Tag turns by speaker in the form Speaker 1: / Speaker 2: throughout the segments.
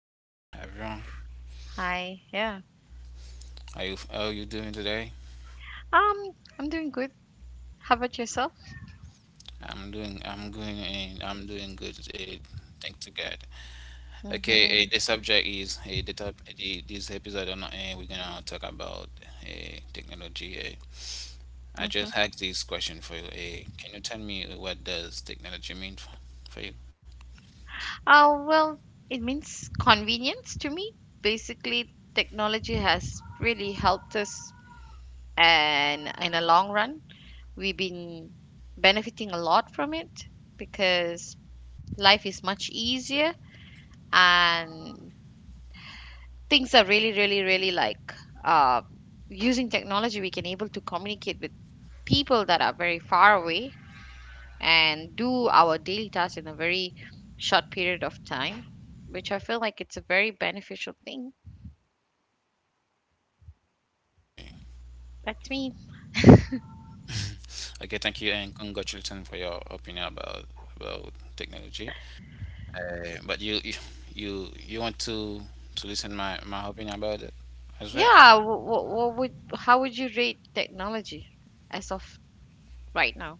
Speaker 1: hello, everyone.
Speaker 2: Hi. Yeah.
Speaker 1: How you doing today?
Speaker 2: Um, I'm doing good. How about yourself?
Speaker 1: I'm doing I'm going, and I'm doing good today. Thank to God. Okay,
Speaker 2: Mm-hmm.
Speaker 1: the subject is this episode on we're gonna talk about technology. Eh. I
Speaker 2: Mm-hmm.
Speaker 1: just had this question for you. Can you tell me what does technology mean for you?
Speaker 2: Oh, well, it means convenience to me. Basically, technology has really helped us, and in a long run, we've been benefiting a lot from it because life is much easier and things are really, really, really like uh, using technology, we can able to communicate with people that are very far away and do our daily tasks in a very short period of time, which I feel like it's a very beneficial thing. That's me.
Speaker 1: Okay, thank you and congratulations for your opinion about technology. Uh, but you want to listen my opinion about it as well?
Speaker 2: Yeah, what would how would you rate technology as of right now?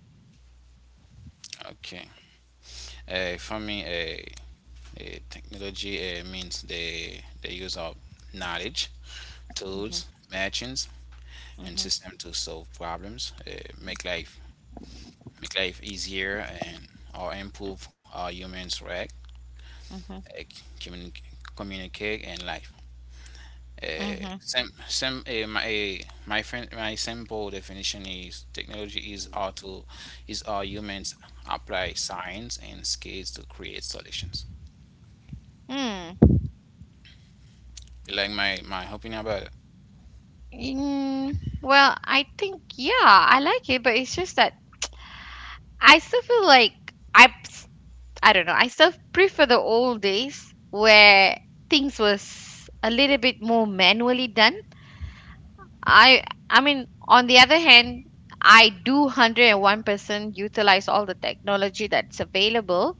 Speaker 1: Okay. For me, technology means the use of knowledge, tools,
Speaker 2: Mhm.
Speaker 1: machines, and
Speaker 2: Mhm.
Speaker 1: system to solve problems, make life easier, and or improve how humans react,
Speaker 2: Mhm.
Speaker 1: uh, communi- communicate, and life.
Speaker 2: Mm-hmm.
Speaker 1: Sim, sim, my eh, my friend, My simple definition is technology is how to is how humans apply science and skills to create solutions.
Speaker 2: Hmm.
Speaker 1: You Like my opinion about it.
Speaker 2: Well, I think yeah, I like it, but it's just that I still feel like I I don't know. I still prefer the old days where things was a little bit more manually done. I I mean, on the other hand, I do 101% utilize all the technology that's available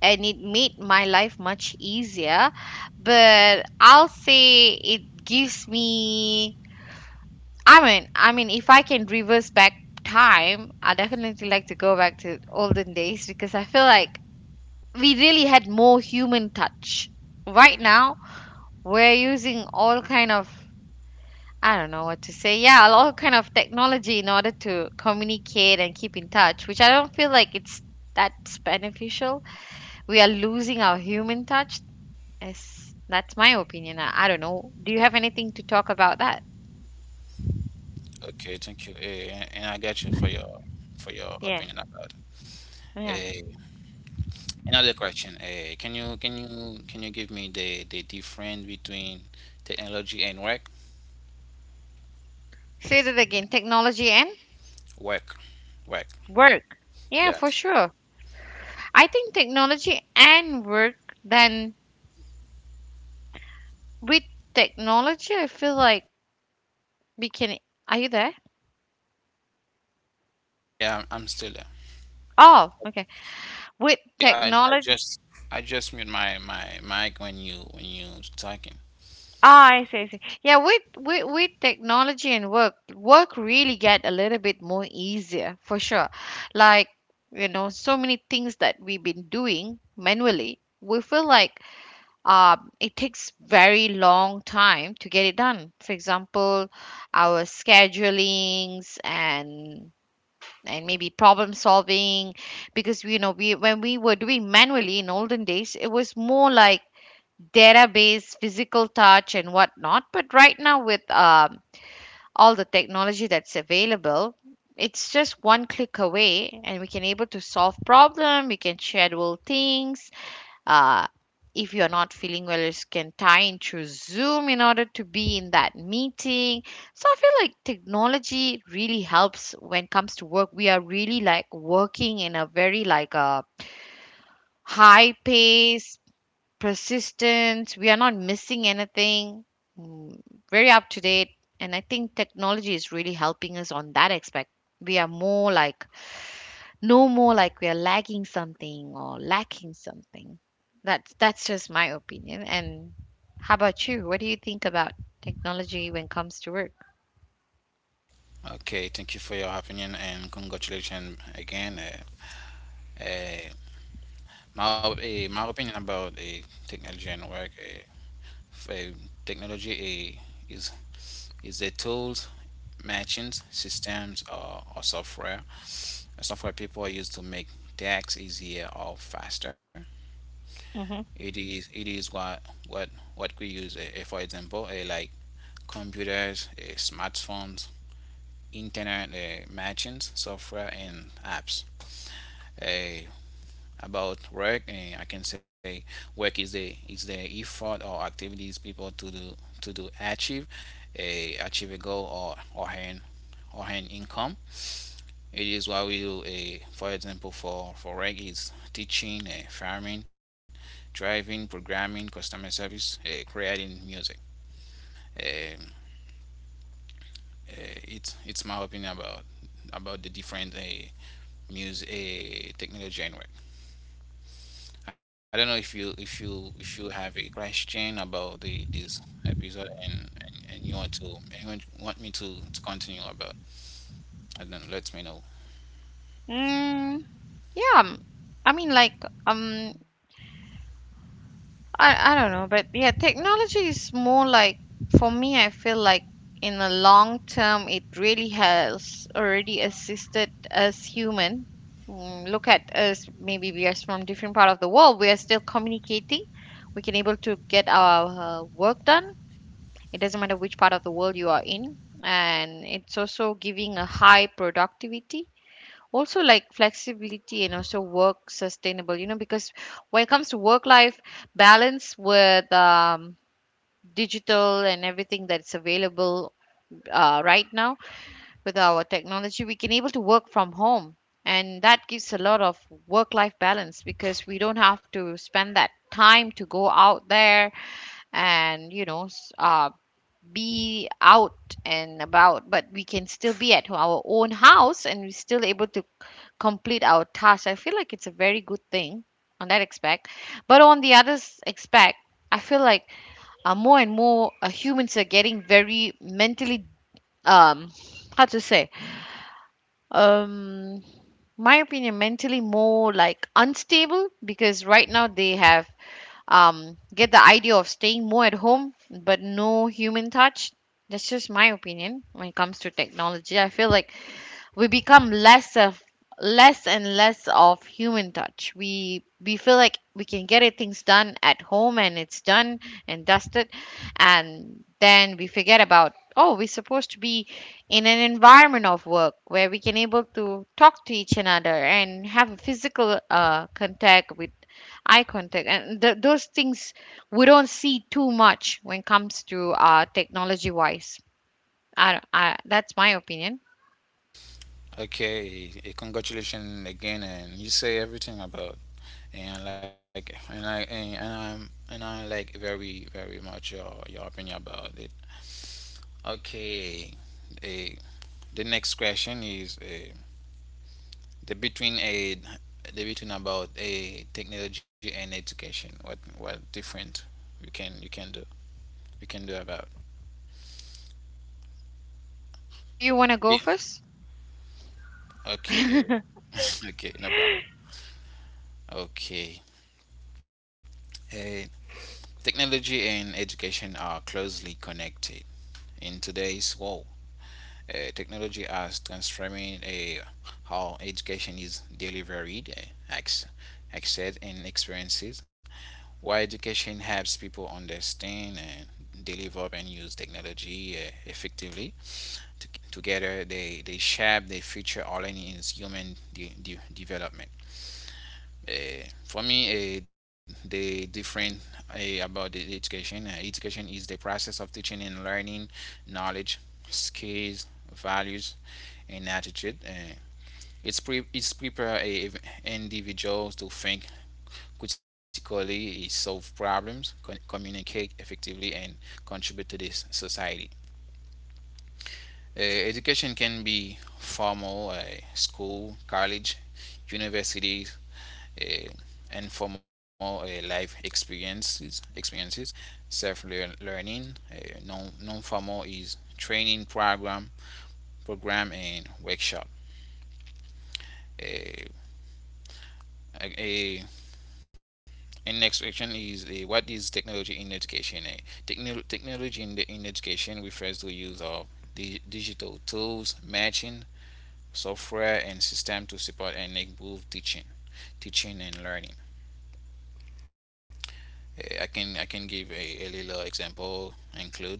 Speaker 2: and it made my life much easier. But I'll say it gives me I mean if I can reverse back time, I definitely like to go back to olden days because I feel like we really had more human touch. Right now, we're using all kind of I don't know what to say. Yeah, a lot of kind of technology in order to communicate and keep in touch, which I don't feel like it's that's beneficial. We are losing our human touch. Yes, that's my opinion. I don't know. Do you have anything to talk about that?
Speaker 1: Okay, thank you. And I get you for your
Speaker 2: Yeah,
Speaker 1: opinion about it.
Speaker 2: yeah.
Speaker 1: Eh, Another question. Can you give me the difference between technology and work?
Speaker 2: Say that again. Technology and
Speaker 1: Work, work.
Speaker 2: work. Yeah, for
Speaker 1: Yes.
Speaker 2: sure. I think technology and work. Then with technology, I feel like we can. Are you there?
Speaker 1: Yeah, I'm still there.
Speaker 2: Oh, okay. With
Speaker 1: I, I
Speaker 2: technology.
Speaker 1: just I just mute my mic when you talking.
Speaker 2: Ah, I see, I see. Yeah, with technology and work, work really get a little bit more easier for sure. Like, you know, so many things that we've been doing manually, we feel like it takes very long time to get it done. For example, our schedulings and maybe problem solving because you know we when we were doing manually in olden days it was more like database, physical touch, and whatnot. But right now, with all the technology that's available, it's just one click away, and we can able to solve problem. We can schedule things. Uh, if you're not feeling well, you can tie into Zoom in order to be in that meeting. So I feel like technology really helps when it comes to work. We are really like working in a very like a high pace persistent. We are not missing anything. Mm, Very up to date. And I think technology is really helping us on that aspect. We are more like no more like we are lagging something or lacking something. That's just my opinion. And how about you? What do you think about technology when it comes to work?
Speaker 1: Okay, thank you for your opinion and congratulations again. Uh, my opinion about technology and work for eh, technology is the tools, machines, systems, or software. Software people use to make tasks easier or faster.
Speaker 2: Hmm.
Speaker 1: It is what what what we use. For example, like computers, smartphones, internet machines, software, and apps. Uh, about work, I can say work is the effort or activities people to do achieve a achieve a goal or or earn income. It is what we do. For example, for work is teaching, farming, driving, programming, customer service, creating music. Um, it's my opinion about the different use a technical genre. I don't know if you have a question about the this episode and you want to and you want me to continue about I and then let me know.
Speaker 2: Mm, yeah. I mean, like, um, I don't know, but yeah, technology is more like for me. I feel like in the long term, it really has already assisted us human. Look at us. Maybe we are from different part of the world. We are still communicating. We can able to get our work done. It doesn't matter which part of the world you are in, and it's also giving a high productivity also like flexibility and also work sustainable you know because when it comes to work life balance with digital and everything that's available right now with our technology we can able to work from home, and that gives a lot of work life balance because we don't have to spend that time to go out there and be out and about, but we can still be at our own house and we're still able to complete our task. I feel like it's a very good thing on that aspect, but on the other aspect I feel like more and more humans are getting very mentally um how to say. um my opinion, mentally more like unstable because right now they have get the idea of staying more at home, but no human touch. That's just my opinion. When it comes to technology, I feel like we become less of less and less of human touch. We feel like we can get it things done at home and it's done and dusted, and then we forget about oh we're supposed to be in an environment of work where we can able to talk to each another and have a physical contact with eye contact and those things we don't see too much when it comes to technology wise. That's my opinion.
Speaker 1: Okay, congratulations again and you say everything about and like and I and I'm and I like very very much your opinion about it. Okay, eh, the next question is. The between a the between about a technology and education, what different you can you can do you can do about.
Speaker 2: Do you want to go
Speaker 1: Yeah.
Speaker 2: first?
Speaker 1: Okay, okay, no problem, okay. Eh, Technology and education are closely connected in today's world. Technology has transforming a how education is delivered, acc- accessed and experiences why education helps people understand and develop and use technology effectively. To, Together, they shape the future all in is human development. For me, the different education is the process of teaching and learning knowledge, skills, values, and attitude. It's prepare a individuals to think critically, he solves problems, communicate effectively, and contribute to this society. Uh, Education can be formal, school, college, universities, uh, informal life experiences, self-learning. Non-formal is training program and workshop. Uh, a And next question is, what is technology in education? Technology in, the, in education refers to the use of digital tools, matching software and system to support and improve teaching and learning. I can give a little example includes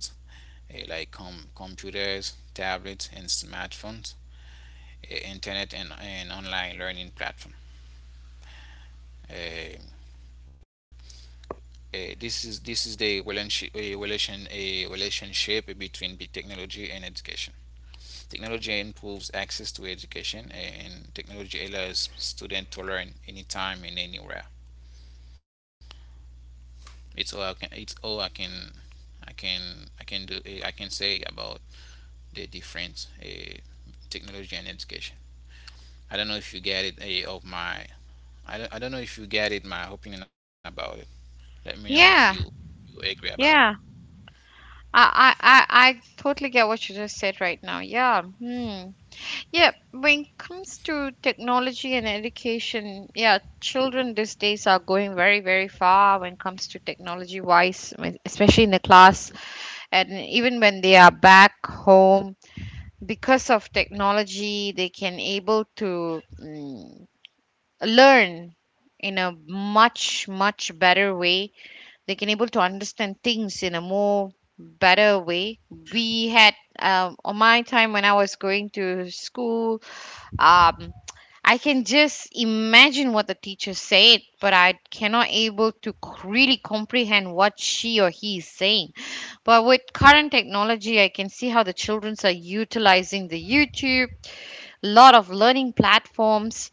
Speaker 1: like computers, tablets, and smartphones, internet and online learning platform. Uh, this is the relationship between big technology and education. Technology improves access to education, and technology allows students to learn anytime and anywhere. It's all I can. I can. I can do. I can say about the difference technology and education. I don't know if you get it. Eh, of my. I don't know if you get it. My opinion about it. Let me know if you,
Speaker 2: Yeah,
Speaker 1: you agree about it.
Speaker 2: yeah. I totally get what you just said right now. Yeah. Hmm. Yeah. When it comes to technology and education, yeah, children these days are going very, very far when it comes to technology wise, when- especially in the class. And even when they are back home, because of technology, they can able to learn in a much, much better way. They can able to understand things in a more better way. We had on my time when I was going to school, um, I can just imagine what the teacher said but I cannot able to really comprehend what she or he is saying. But with current technology I can see how the children are utilizing the YouTube, lot of learning platforms,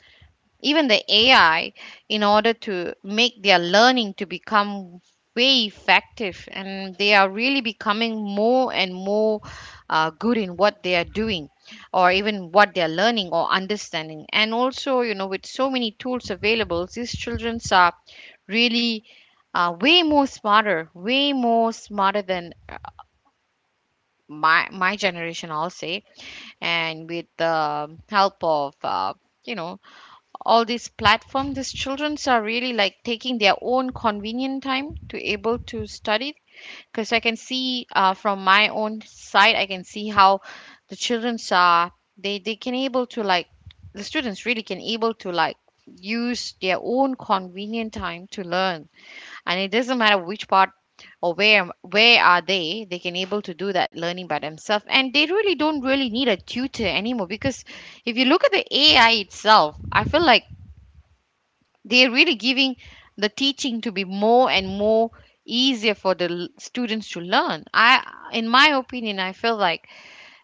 Speaker 2: even the AI in order to make their learning to become way effective, and they are really becoming more and more good in what they are doing or even what they are learning or understanding. And also you know with so many tools available these children are really way more smarter, way more smarter than my generation I'll say. And with the help of you know all these platforms, these children are really like taking their own convenient time to able to study, because I can see from my own side I can see how the children are they can able to like the students really can able to like use their own convenient time to learn. And it doesn't matter which part or where are they can able to do that learning by themselves, and they really don't really need a tutor anymore because if you look at the AI itself I feel like they're really giving the teaching to be more and more easier for the students to learn. I in my opinion I feel like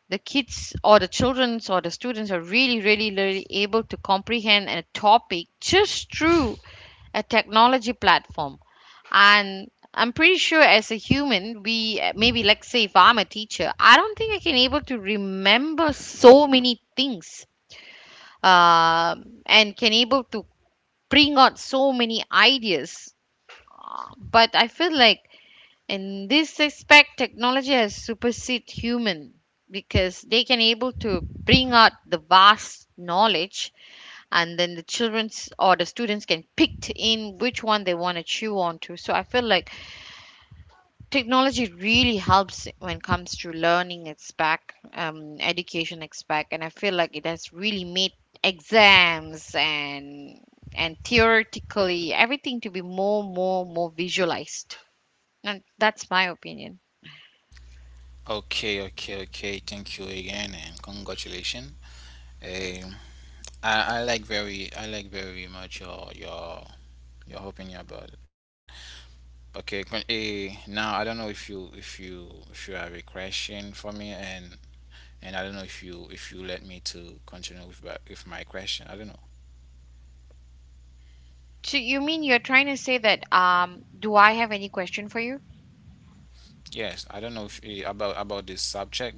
Speaker 2: the kids or the children's or the students are really really really able to comprehend a topic just through a technology platform. And I'm pretty sure as a human we maybe like say if I'm a teacher I don't think I can able to remember so many things and can able to bring out so many ideas. But I feel like in this aspect, technology has superseded human, because they can able to bring out the vast knowledge, and then the children's or the students can pick in which one they want to chew on to. So I feel like technology really helps when it comes to learning. It's back education it's back, and I feel like it has really made exams and theoretically everything to be more more more visualized. And that's my opinion.
Speaker 1: Okay, okay, okay. Thank you again and congratulations. Um, I like very much your opinion about it. Okay, now I don't know if you have a question for me and I don't know if you let me to continue with my question. I don't know.
Speaker 2: So you mean you're trying to say that do I have any question for you?
Speaker 1: Yes, I don't know if about this subject, but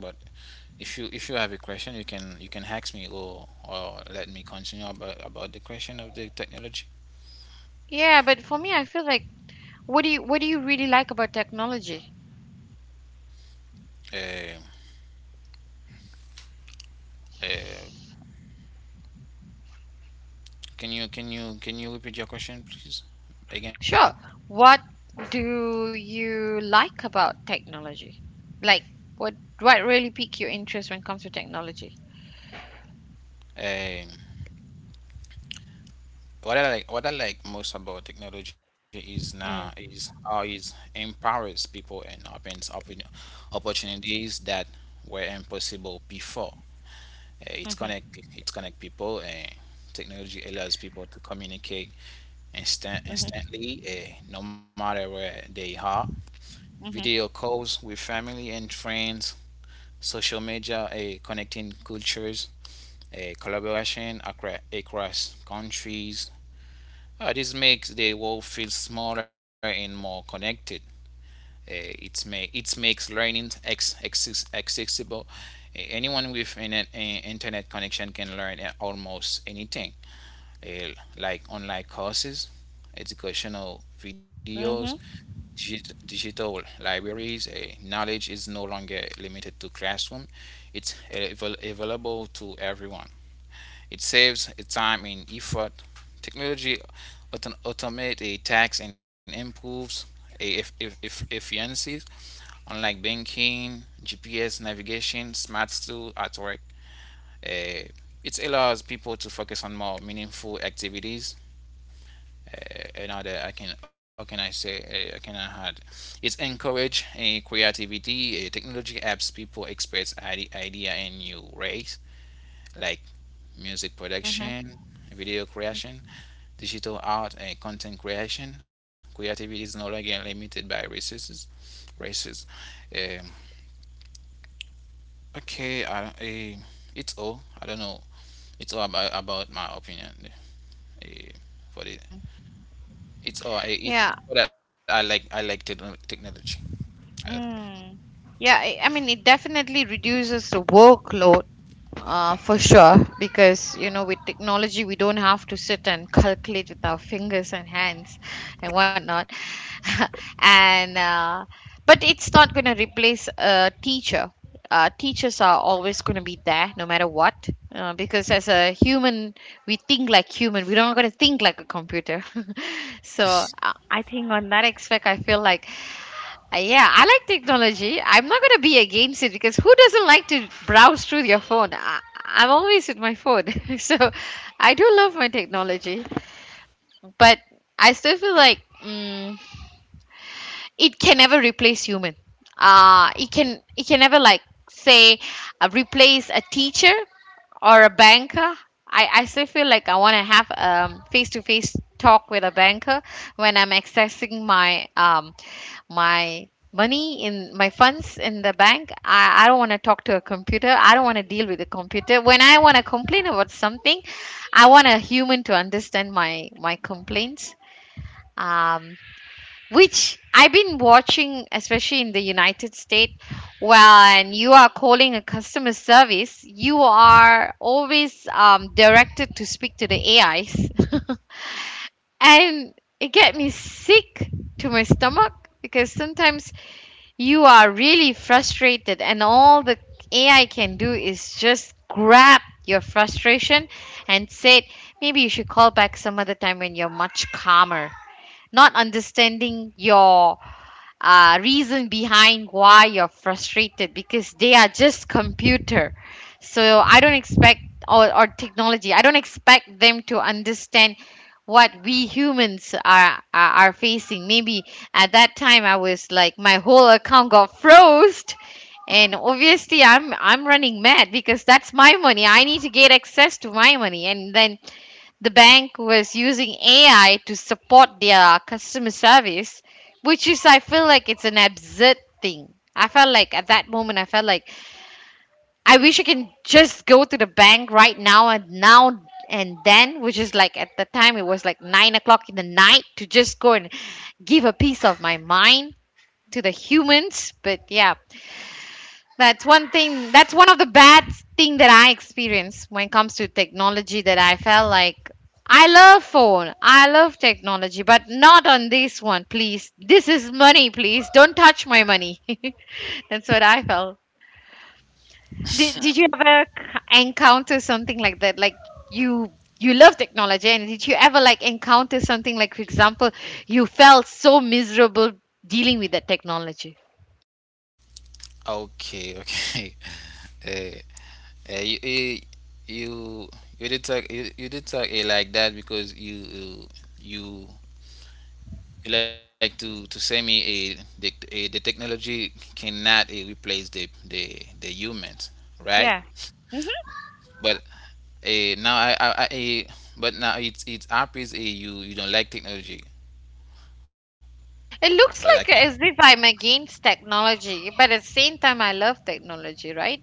Speaker 1: if you have a question, you can ask me or let me continue about the question of the technology.
Speaker 2: Yeah, but for me I feel like what do you really like about technology?
Speaker 1: Um, Uh, can you repeat your question, please, again?
Speaker 2: Sure. What do you like about technology? Like what really piqued your interest when it comes to technology?
Speaker 1: Um, what I like most about technology is now
Speaker 2: Mm.
Speaker 1: is how it empowers people and opens up opportunities that were impossible before. Uh,
Speaker 2: Mm-hmm,
Speaker 1: it's connect it's connect people. Technology allows people to communicate
Speaker 2: mm-hmm,
Speaker 1: instantly, no matter where they are.
Speaker 2: mm-hmm,
Speaker 1: Video calls with family and friends, social media, connecting cultures across countries. This makes the world feel smaller and more connected. It makes learning ex- ex accessible. Anyone with an internet connection can learn almost anything, uh, like online courses, educational
Speaker 2: mm-hmm,
Speaker 1: videos, digital libraries. Knowledge is no longer limited to classroom; it's available to everyone. It saves time and effort. Technology automates a tax and improves a efficiency, unlike banking, GPS navigation, smart tools at work. Uh, it allows people to focus on more meaningful activities. Another, I can, how can I say, How can I add? It encourage a creativity. Technology helps people express idea in new ways, like music
Speaker 2: mm-hmm.
Speaker 1: production, video creation, digital art, and content creation. Creativity is no longer limited by races. Races. Um, okay, I, it's all. I don't know. It's all about my opinion uh, for the.
Speaker 2: Yeah.
Speaker 1: It's that I like. I like technology. I-
Speaker 2: Mm. Yeah, I mean, it definitely reduces the workload for sure because, you know, with technology, we don't have to sit and calculate with our fingers and hands and whatnot. And, but it's not going to replace a teacher. Teachers are always going to be there no matter what, because as a human we think like human, we're not going to think like a computer. So I think on that aspect I feel like yeah, I like technology. I'm not going to be against it because who doesn't like to browse through your phone? I'm always with my phone. So I do love my technology. But I still feel like. mm it can never replace human. It can never, like, say, replace a teacher or a banker. I still feel like I want to have face-to-face talk with a banker when I'm accessing my my money in my funds in the bank. I don't want to talk to a computer. I don't want to deal with a computer when I want to complain about something. I want a human to understand my complaints. um which I've been watching, especially in the United States, when you are calling a customer service, you are always directed to speak to the AIs, and it get me sick to my stomach. Because sometimes you are really frustrated, and all the AI can do is just grab your frustration and say, maybe you should call back some other time when you're much calmer. Not understanding your reason behind why you're frustrated, because they are just computer. So I don't expect, or technology, I don't expect them to understand what we humans are facing. Maybe at that time, I was like my whole account got froze, and obviously I'm running mad because that's my money. I need to get access to my money. And then the bank was using AI to support their customer service, which is, I feel like, it's an absurd thing. I felt like at that moment, I felt like I wish I can just go to the bank right now and now, and then, which is like at the time it was like 9 o'clock in the night, to just go and give a piece of my mind to the humans. But yeah, that's one thing. That's one of the bad thing that I experience when it comes to technology. That I felt like I love phone, I love technology, but not on this one, please. This is money, please. Don't touch my money. That's what I felt. Did you ever encounter something like that? Like, you love technology, and did you ever like encounter something like, for example, you felt so miserable dealing with that technology?
Speaker 1: okay, okay. Uh, you, eh, you you did talk You, you did talk like that because you like to say me the technology cannot replace the humans, right?
Speaker 2: Yeah.
Speaker 1: But now I eh, but now it's obvious you you don't like technology, but
Speaker 2: It
Speaker 1: I can.
Speaker 2: looks like as if I'm against technology, but at the same time, I love technology, right?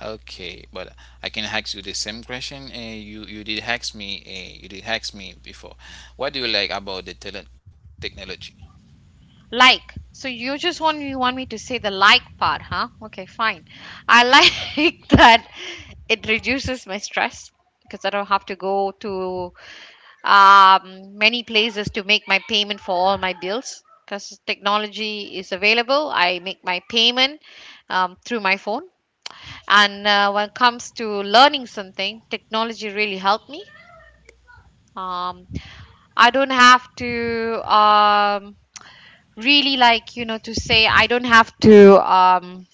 Speaker 1: Okay, but I can ask you the same question, you did ask me before, what do you like about the technology?
Speaker 2: Like, so you just want you want me to say the like part, huh? Okay, fine. I like that it reduces my stress because I don't have to go to many places to make my payment for all my bills, because technology is available. I make my payment through my phone, and when it comes to learning something, technology really helped me. Um, I don't have to really, like, you know, to say I don't have to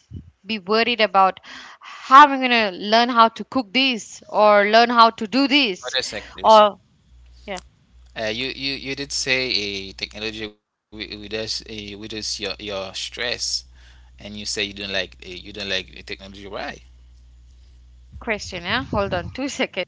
Speaker 2: be worried about how I'm going to learn how to cook this or learn how to do
Speaker 1: What
Speaker 2: this,
Speaker 1: is that, please?
Speaker 2: or yeah.
Speaker 1: You you did say a technology with us with us your stress. And you say you don't like you don't like the technology. Why?
Speaker 2: Good question. Yeah, hold on 2 seconds.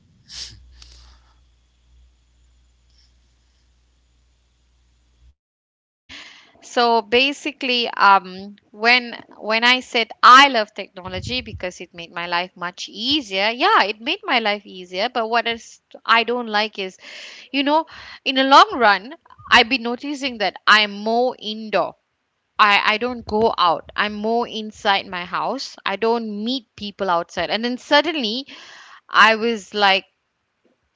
Speaker 2: So basically, when I said I love technology because it made my life much easier, yeah, it made my life easier. But what is I don't like is, you know, in the long run, I've been noticing that I'm more indoor. I don't go out. I'm more inside my house. I don't meet people outside. And then suddenly, I was like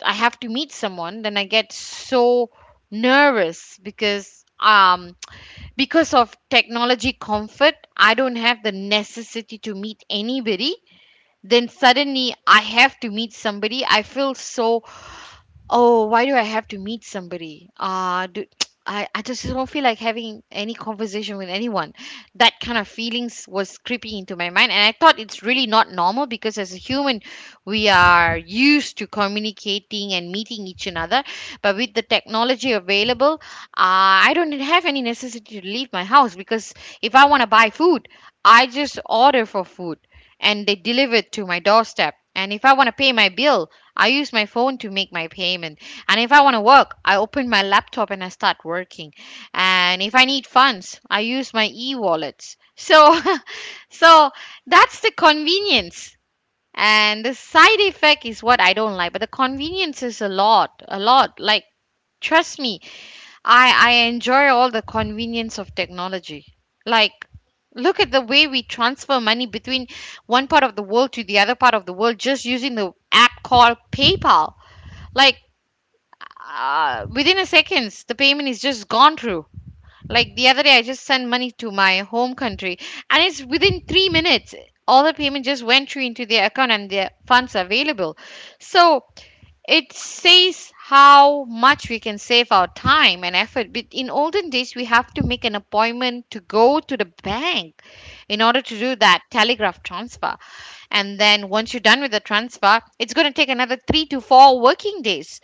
Speaker 2: I have to meet someone, then I get so nervous because because of technology comfort, I don't have the necessity to meet anybody. Then suddenly I have to meet somebody. I feel so. Oh, why do I have to meet somebody? Do, I just don't feel like having any conversation with anyone. That kind of feelings was creeping into my mind. And I thought it's really not normal, because as a human, we are used to communicating and meeting each another. But with the technology available, I don't have any necessity to leave my house. Because if I want to buy food, I just order for food and they deliver it to my doorstep. And if I want to pay my bill, I use my phone to make my payment. And if I want to work, I open my laptop and I start working. And if I need funds, I use my e-wallets. So so that's the convenience, and the side effect is what I don't like, but the convenience is a lot, a lot. Like, trust me, I enjoy all the convenience of technology. Like, look at the way we transfer money between one part of the world to the other part of the world just using the app called PayPal. Like, within a seconds, the payment is just gone through. Like the other day, I just sent money to my home country, and it's within 3 minutes. All the payment just went through into their account, and their funds are available. So it says how much we can save our time and effort. But in olden days, we have to make an appointment to go to the bank in order to do that telegraph transfer. And then once you're done with the transfer, it's going to take another 3 to 4 working days.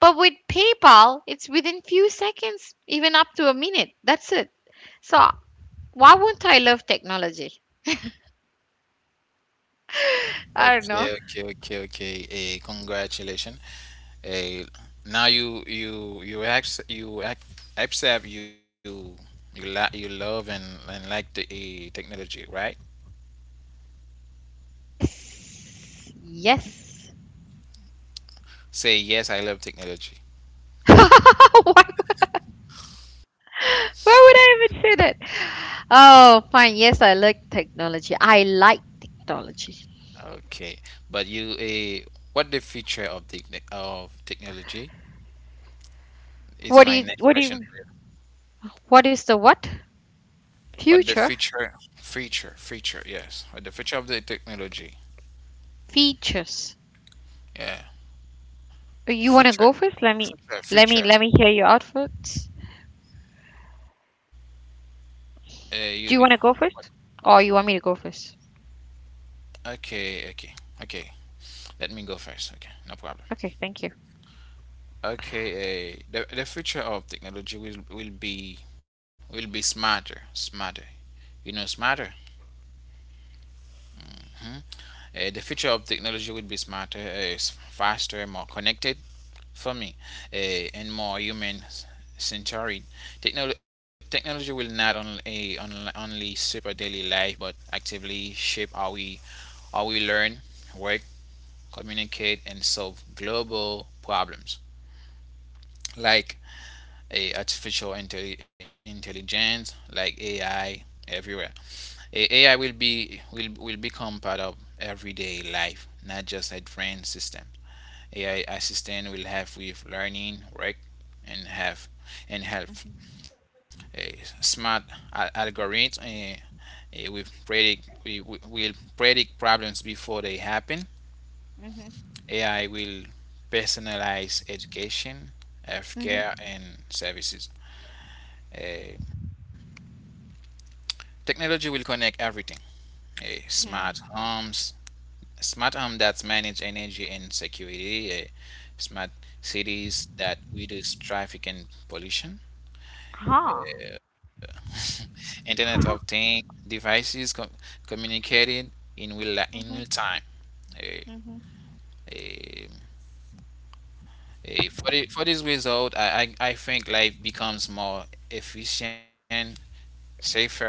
Speaker 2: But with PayPal, it's within few seconds, even up to a minute. That's it. So why won't I love technology? I don't know.
Speaker 1: Okay, okay, okay, okay. Congratulations. Eh, now you you ac accept you love and like the technology, right?
Speaker 2: Yes. Yes.
Speaker 1: Say yes, I love technology.
Speaker 2: Why. Why would I even say that? Oh, fine. Yes, I like technology. I like technology.
Speaker 1: Okay, but you what the feature of the of technology is
Speaker 2: What do
Speaker 1: my
Speaker 2: you
Speaker 1: next question for you.
Speaker 2: what is the what?
Speaker 1: What the
Speaker 2: Future
Speaker 1: feature, yes, what the feature of the technology?
Speaker 2: features.
Speaker 1: Yeah,
Speaker 2: You want to
Speaker 1: future
Speaker 2: go first? Let me
Speaker 1: future.
Speaker 2: hear you out first.
Speaker 1: Uh, you,
Speaker 2: Do you want to go first, or you want me to go first?
Speaker 1: okay, okay, okay. Let me go first. Okay, no problem.
Speaker 2: Okay, thank you.
Speaker 1: Okay, the future of technology will be smarter, smarter. You know, smarter. Hmm? The future of technology will be smarter, faster, more connected for me, and more human centered. Technology will not only only super daily life, but actively shape how we learn, work, communicate, and solve global problems like a intelligence, like AI, everywhere. AI will be will become part of everyday life, not just a trained system. AI assistant will help with learning, work, and have and help. A smart algorithm uh, with predict will predict problems before they happen.
Speaker 2: Mhm.
Speaker 1: AI will personalize education,
Speaker 2: Mhm.
Speaker 1: healthcare, and services. Eh, Technology will connect everything. Smart
Speaker 2: Hmm.
Speaker 1: homes, smart homes that manage energy and security, smart cities that reduce traffic and pollution,
Speaker 2: Huh.
Speaker 1: eh, Internet of
Speaker 2: Huh.
Speaker 1: Things devices communicating in real
Speaker 2: Mhm.
Speaker 1: time.
Speaker 2: Mhm.
Speaker 1: Eh, for this result, I think life becomes more efficient, safer, and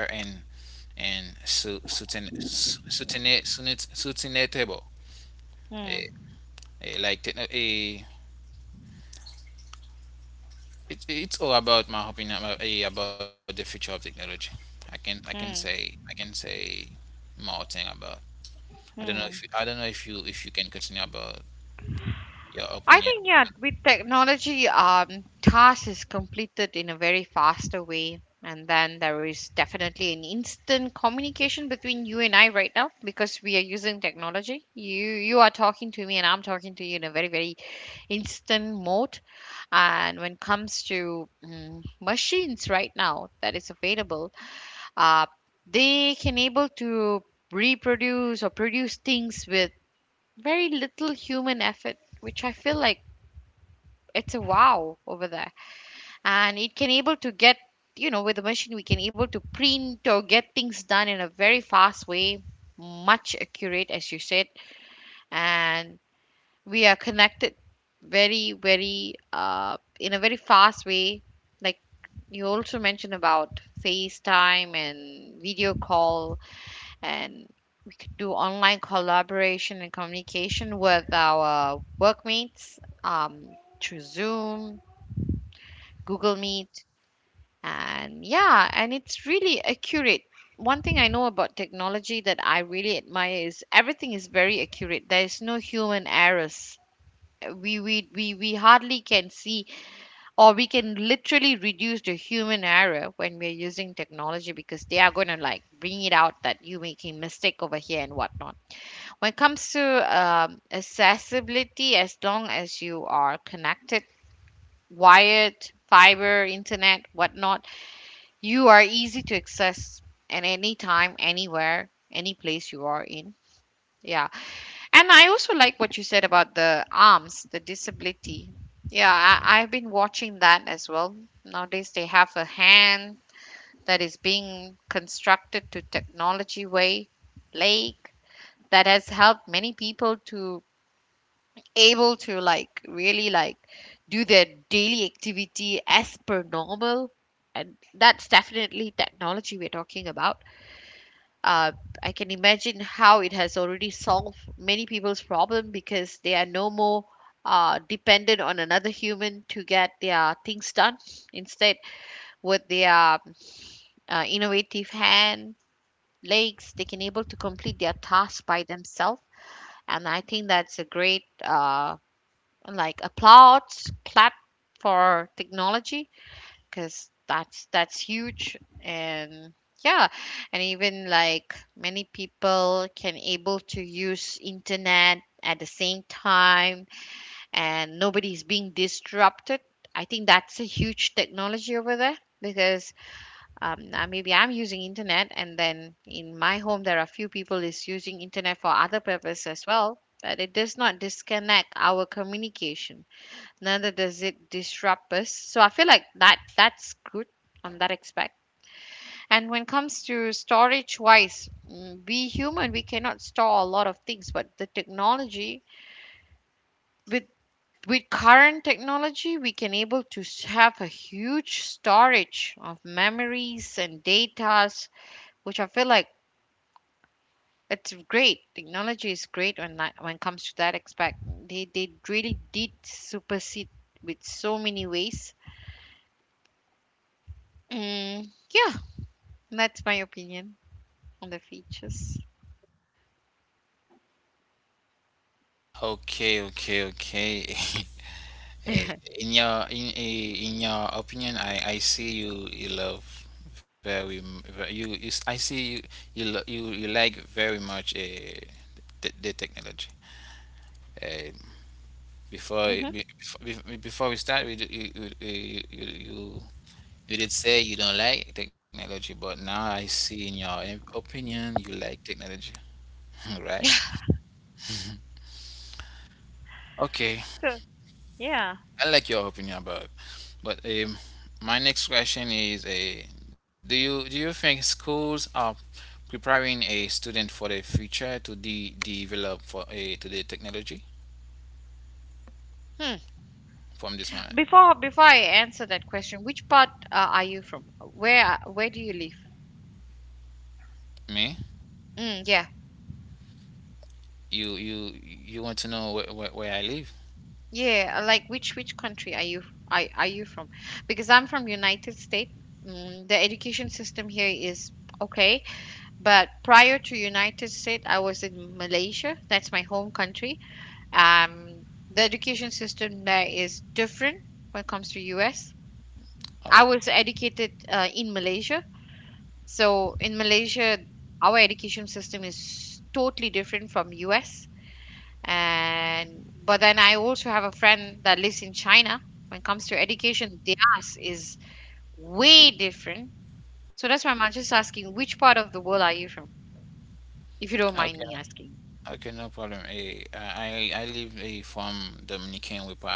Speaker 1: sustainable.
Speaker 2: Hmm.
Speaker 1: Eh, eh, like techno- eh, it's all about my opinion about, about the future of technology. I can say
Speaker 2: Hmm.
Speaker 1: more thing about. I don't know if
Speaker 2: Hmm.
Speaker 1: you if you can continue about your
Speaker 2: I
Speaker 1: opinion.
Speaker 2: think yeah, with technology, task is completed in a very faster way, and then there is definitely an instant communication between you and I right now because we are using technology. You are talking to me, and I'm talking to you in a very instant mode. And when it comes to machines right now that is available, uh, they can able to reproduce or produce things with very little human effort, which I feel like it's a wow over there. And it can able to get, you know, with the machine we can able to print or get things done in a very fast way, much accurate as you said. And we are connected very in a very fast way, like you also mentioned about facetime and video call, and do online collaboration and communication with our workmates, um, through zoom, google meet. And yeah, and it's really accurate. One thing I know about technology that I really admire is everything is very accurate. There is no human errors. We hardly can see, or we can literally reduce the human error when we're using technology, because they are going to like bring it out that you making mistake over here and whatnot. When it comes to accessibility, as long as you are connected, wired, fiber internet whatnot, you are easy to access at any time, anywhere, any place you are in. Yeah. And I also like what you said about the arms, the disability. Yeah, I've been watching that as well. Nowadays, they have a hand that is being constructed to technology way, like that has helped many people to able to like really like do their daily activity as per normal. And that's definitely technology we're talking about. uh, I can imagine how it has already solved many people's problem because they are no more dependent on another human to get their things done. Instead, with their innovative hand, legs, they can able to complete their task by themselves. And I think that's a great like applause, clap for technology, because that's huge. And yeah, and even like many people can able to use internet at the same time and nobody's being disrupted. I think that's a huge technology over there, because now maybe I'm using internet and then in my home there are few people is using internet for other purpose as well, but it does not disconnect our communication, neither does it disrupt us. So I feel like that's good on that aspect. And when it comes to storage wise, we human we cannot store a lot of things, but the technology with current technology we can able to have a huge storage of memories and datas, which I feel like it's great. Technology is great when when it comes to that aspect. They really did supersede with so many ways. mm, yeah. That's my opinion on the features.
Speaker 1: Okay, okay, okay. Uh, in your opinion, I see you love very m- ve- you s- I see you like very much the technology. Uh, before, eh,
Speaker 2: Hmm.
Speaker 1: be- before before we start, we, d- you you you did say you don't like technology, but now I see in your opinion you like technology, right? Okay.
Speaker 2: So yeah.
Speaker 1: I like your opinion about it. But my next question is: a do you think schools are preparing a student for the future to develop for a to the technology
Speaker 2: Hmm.
Speaker 1: from this moment?
Speaker 2: Before I answer that question, which part are you from? Where do you live?
Speaker 1: Me?
Speaker 2: Yeah,
Speaker 1: You want to know where I live?
Speaker 2: yeah. Like which country are you from? Because I'm from United States. Mm, the education system here is okay, but prior to United States, I was in Malaysia. That's my home country. Um, the education system there is different when it comes to US.
Speaker 1: Oh,
Speaker 2: I was educated in Malaysia. So in Malaysia, our education system is totally different from US. And but then I also have a friend that lives in China. When it comes to education, theirs is way different. So that's why I'm just asking, which part of the world are you from, if you don't
Speaker 1: okay,
Speaker 2: mind me asking?
Speaker 1: okay, no problem. I live from Dominican Republic.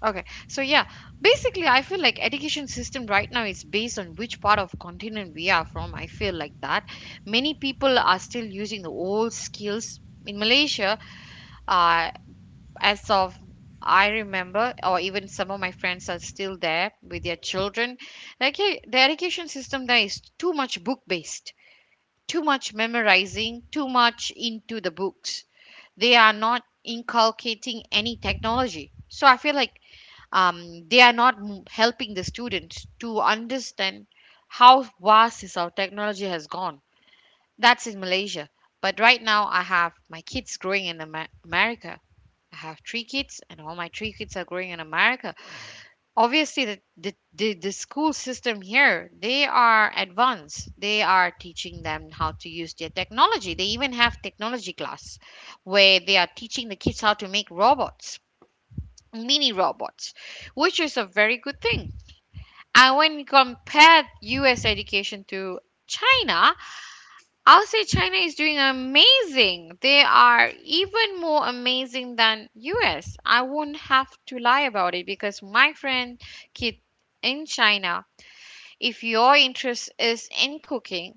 Speaker 2: Okay. So yeah, basically I feel like education system right now is based on which part of continent we are from. I feel like that. Many people are still using the old skills in Malaysia uh, as of I remember, or even some of my friends are still there with their children. Like the education system there is too much book based, too much memorizing, too much into the books. They are not inculcating any technology. So I feel like they are not helping the students to understand how vast is our technology has gone. That's in Malaysia. But right now, I have my kids growing in America. I have three kids, and all my three kids are growing in America. Obviously, the school system here, they are advanced. They are teaching them how to use their technology. They even have technology class where they are teaching the kids how to make robots, mini robots, which is a very good thing. And when you compare US education to China, I'll say China is doing amazing. They are even more amazing than US. I won't have to lie about it because my friend kid in China, if your interest is in cooking,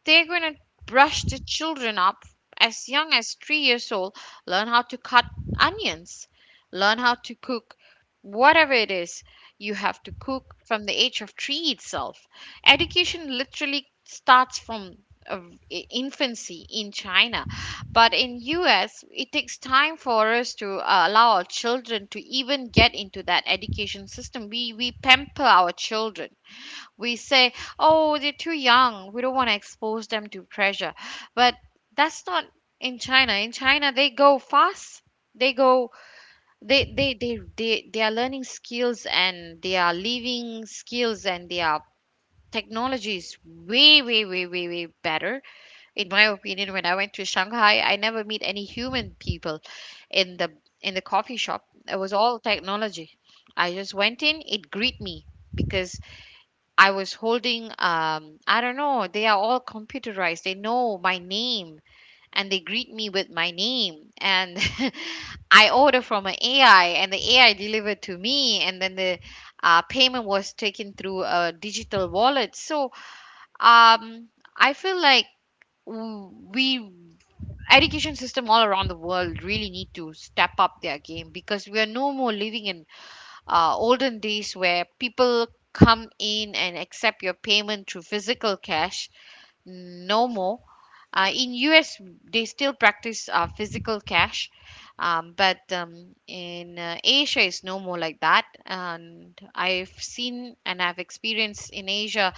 Speaker 2: they're going to brush the children up as young as three years old, learn how to cut onions, learn how to cook whatever it is you have to cook from the age of three itself. Education literally starts from uh, infancy in China, but in US it takes time for us to allow our children to even get into that education system. We pamper our children, we say, oh, they're too young, we don't want to expose them to pressure, but that's not in China. In China they go fast, they go, they are learning skills and they are living skills and they are technologies way better, in my opinion. When I went to Shanghai I never meet any human people in the in the coffee shop, it was all technology. I just went in, it greet me because I was holding, I don't know, they are all computerized. They know my name and they greet me with my name. And I order from an AI and the AI delivered to me. And then the payment was taken through a digital wallet. So um, I feel like w- we education system all around the world really need to step up their game because we are no more living in olden days where people come in and accept your payment through physical cash, no more. In US, they still practice physical cash, but in Asia, it's no more like that. And I've seen and I've experienced in Asia,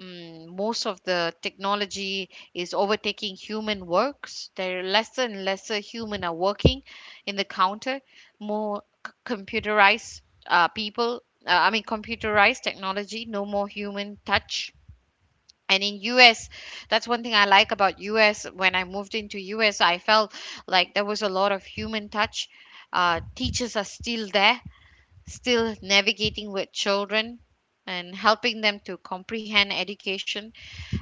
Speaker 2: mm, most of the technology is overtaking human works. There are lesser and lesser human are working in the counter, more computerized people. I mean, computerized technology, no more human touch. And in US, that's one thing I like about US. When I moved into US, I felt like there was a lot of human touch. Teachers are still there, still navigating with children and helping them to comprehend education.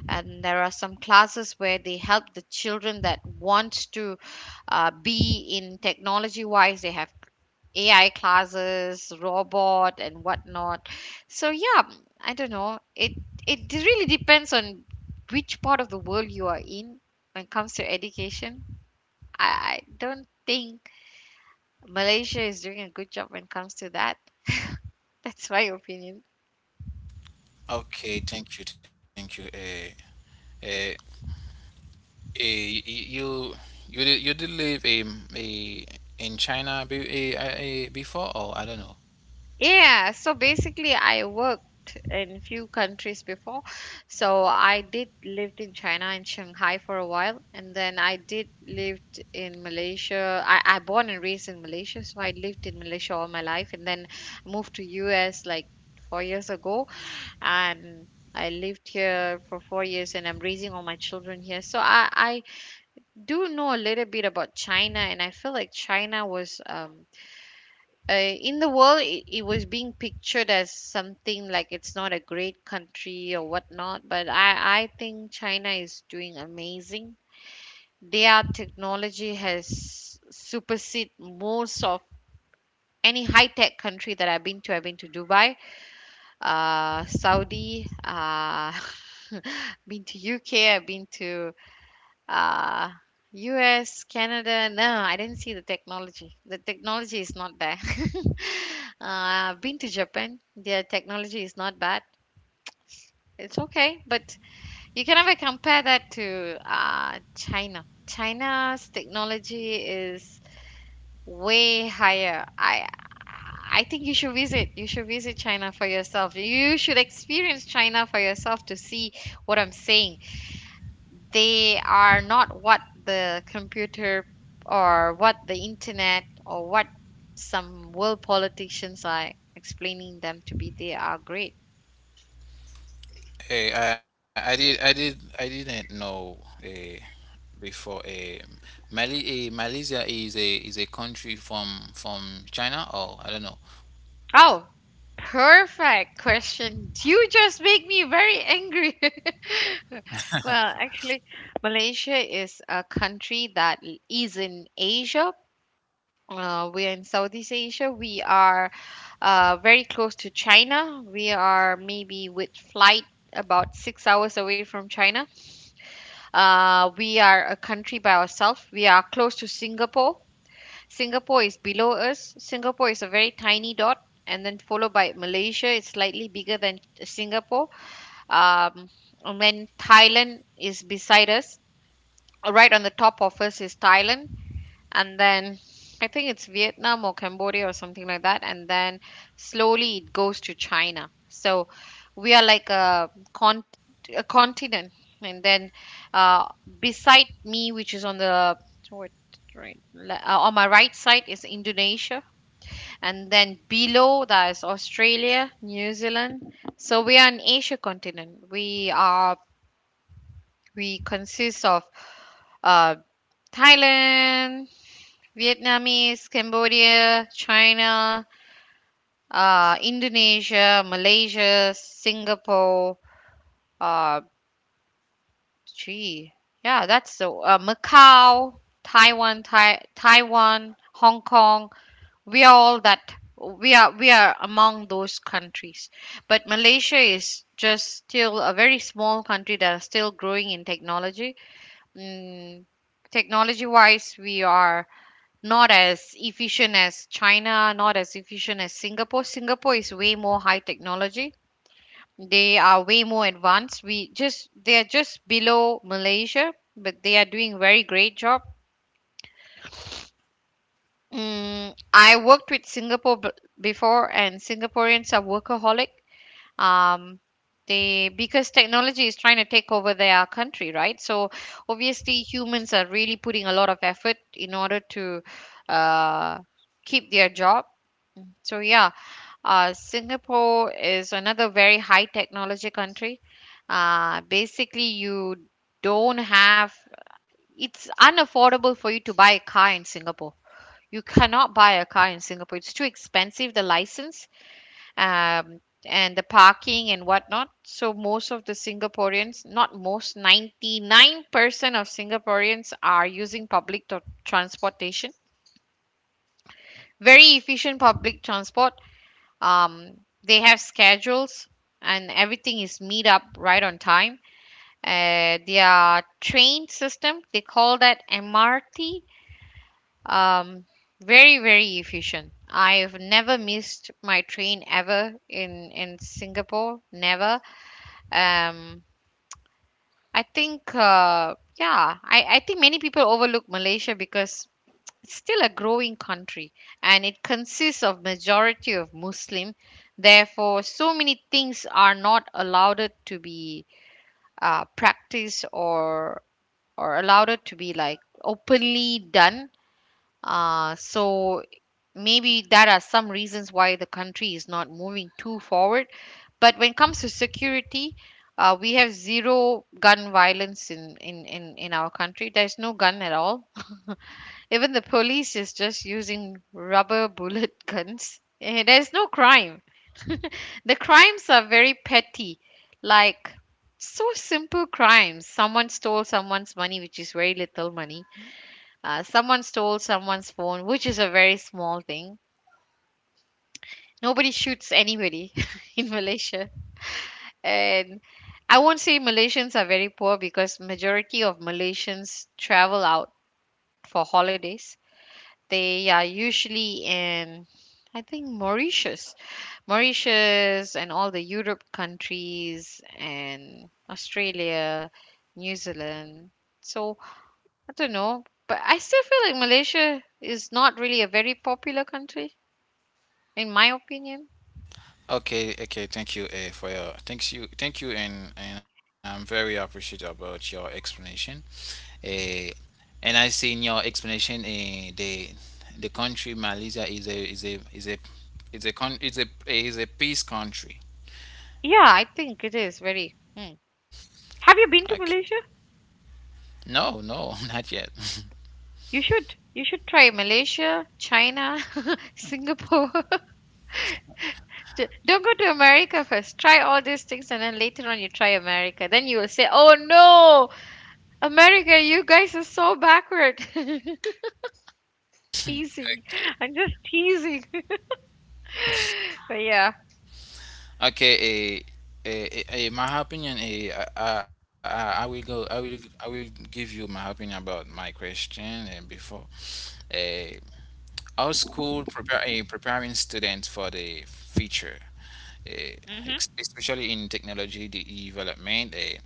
Speaker 2: And there are some classes where they help the children that want to be in technology wise. They have AI classes, robot, and whatnot. So yeah, mm, I don't know. It really depends on which part of the world you are in when it comes to education. I don't think Malaysia is doing a good job when it comes to that. That's my opinion.
Speaker 1: Okay, thank you, thank you. Uh, you you did live in China, be, eh, I- eh, before, or I don't know.
Speaker 2: Yeah, so basically I worked in few countries before. So I did lived in China and Shanghai for a while and then I did lived in Malaysia. I born and raised in Malaysia, so I lived in Malaysia all my life and then moved to US like four years ago and I lived here for four years and I'm raising all my children here. So I do know a little bit about China and I feel like China was in the world it was being pictured as something like it's not a great country or whatnot, but I think China is doing amazing. Their technology has supersede most of any high-tech country that I've been to. I've been to Dubai, Saudi, been to UK, I've been to uh, US, Canada. No, I didn't see the technology. The technology is not there. I've been to Japan. Their technology is not bad. It's okay, but you can never compare that to China. China's technology is way higher. I think you should visit. You should visit China for yourself. You should experience China for yourself to see what I'm saying. They are not what the computer or what the internet or what some world politicians are explaining them to be. They are great.
Speaker 1: I didn't know eh, before eh, Mali eh, Malaysia is a country from China, or I don't know.
Speaker 2: Oh, perfect question. You just make me very angry. Well, actually, Malaysia is a country that is in Asia. We are in Southeast Asia. We are very close to China. We are maybe with flight about six hours away from China. We are a country by ourselves. We are close to Singapore. Singapore is below us. Singapore is a very tiny dot, and then followed by Malaysia. It's slightly bigger than Singapore. Um, and then Thailand is beside us. Right on the top of us is Thailand and then I think it's Vietnam or Cambodia or something like that, and then slowly it goes to China. So we are like a continent, and then uh, beside me, which is on the what on my right side is Indonesia, and then below that is Australia, New Zealand. So we are an Asia continent. We consist of uh, Thailand, Vietnamese, Cambodia, China, Indonesia, Malaysia, Singapore. Uh, gee, yeah, that's so. Macau, Taiwan, Taiwan, Hong Kong. We are all that. We are among those countries, but Malaysia is just still a very small country that are still growing in technology. Mm, technology wise, we are not as efficient as China, not as efficient as Singapore. Singapore is way more high technology. They are way more advanced. We just they are just below Malaysia, but they are doing very great job. Mm, I worked with Singapore before, and Singaporeans are workaholic. Um, they, because technology is trying to take over their country, right? So obviously humans are really putting a lot of effort in order to uh, keep their job. So yeah, Singapore is another very high technology country. Basically, you don't have it's unaffordable for you to buy a car in Singapore. You cannot buy a car in Singapore. It's too expensive, the license, um, and the parking and whatnot. So most of the Singaporeans, not most, 99% of Singaporeans are using public transportation. Very efficient public transport. um they have schedules and everything is meet up right on time. Their train system, they call that MRT. um Very very efficient. I've never missed my train ever in Singapore, never. um I think yeah, I think many people overlook Malaysia because it's still a growing country and it consists of majority of Muslim. Therefore, so many things are not allowed to be practiced or allowed to be like openly done. So maybe that are some reasons why the country is not moving too forward. But when it comes to security, we have zero gun violence in, our country. There's no gun at all. Even the police is just using rubber bullet guns. There's no crime. The crimes are very petty, like so simple crimes. Someone stole someone's money, which is very little money. Someone stole someone's phone, which is a very small thing. Nobody shoots anybody in Malaysia. And I won't say Malaysians are very poor because majority of Malaysians travel out for holidays. They are usually in, I think, Mauritius. Mauritius and all the Europe countries and Australia, New Zealand. So I don't know, but I still feel like Malaysia is not really a very popular country, in my opinion.
Speaker 1: Okay, okay, thank you for your thank you, and I'm very appreciative about your explanation. Eh, And I see in your explanation, the country Malaysia is a is a is a is a con is a eh, is a peace country.
Speaker 2: Yeah, I think it is very. Mm. Have you
Speaker 1: Okay.
Speaker 2: been to Malaysia?
Speaker 1: No, no, not yet.
Speaker 2: You should. You should try Malaysia, China, Singapore. Don't go to America first. Try all these things and then later on you try America. Then you will say, "Oh no, America, you guys are so backward." Teasing.
Speaker 1: Yeah.
Speaker 2: I'm just teasing. But yeah.
Speaker 1: Okay. My opinion. I will go. I will give you my opinion about my question. And before, uh, our school preparing students for the future. uh,
Speaker 2: Mhm.
Speaker 1: Especially in technology development.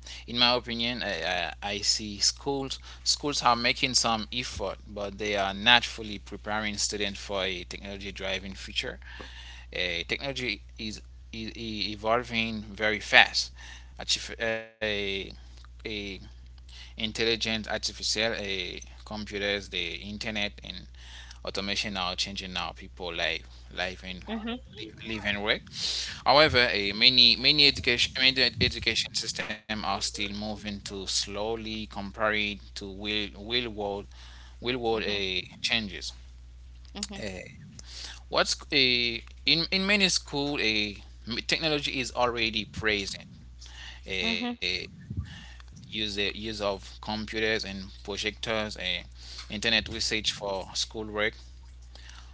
Speaker 1: In my opinion, I see schools are making some effort, but they are not fully preparing students for a technology driven future. Technology is evolving very fast. Artif- a Intelligent artificial, a computers, the internet, and automation are changing now people life life in
Speaker 2: Mhm.
Speaker 1: live and work. However, eh, many many education many ed- education system are still moving to slowly compared to real real world real world
Speaker 2: Mhm.
Speaker 1: eh, changes.
Speaker 2: Mhm.
Speaker 1: Eh, what's a In many school, a technology is already present.
Speaker 2: Mhm.
Speaker 1: A use the use of computers and projectors, a internet usage for schoolwork,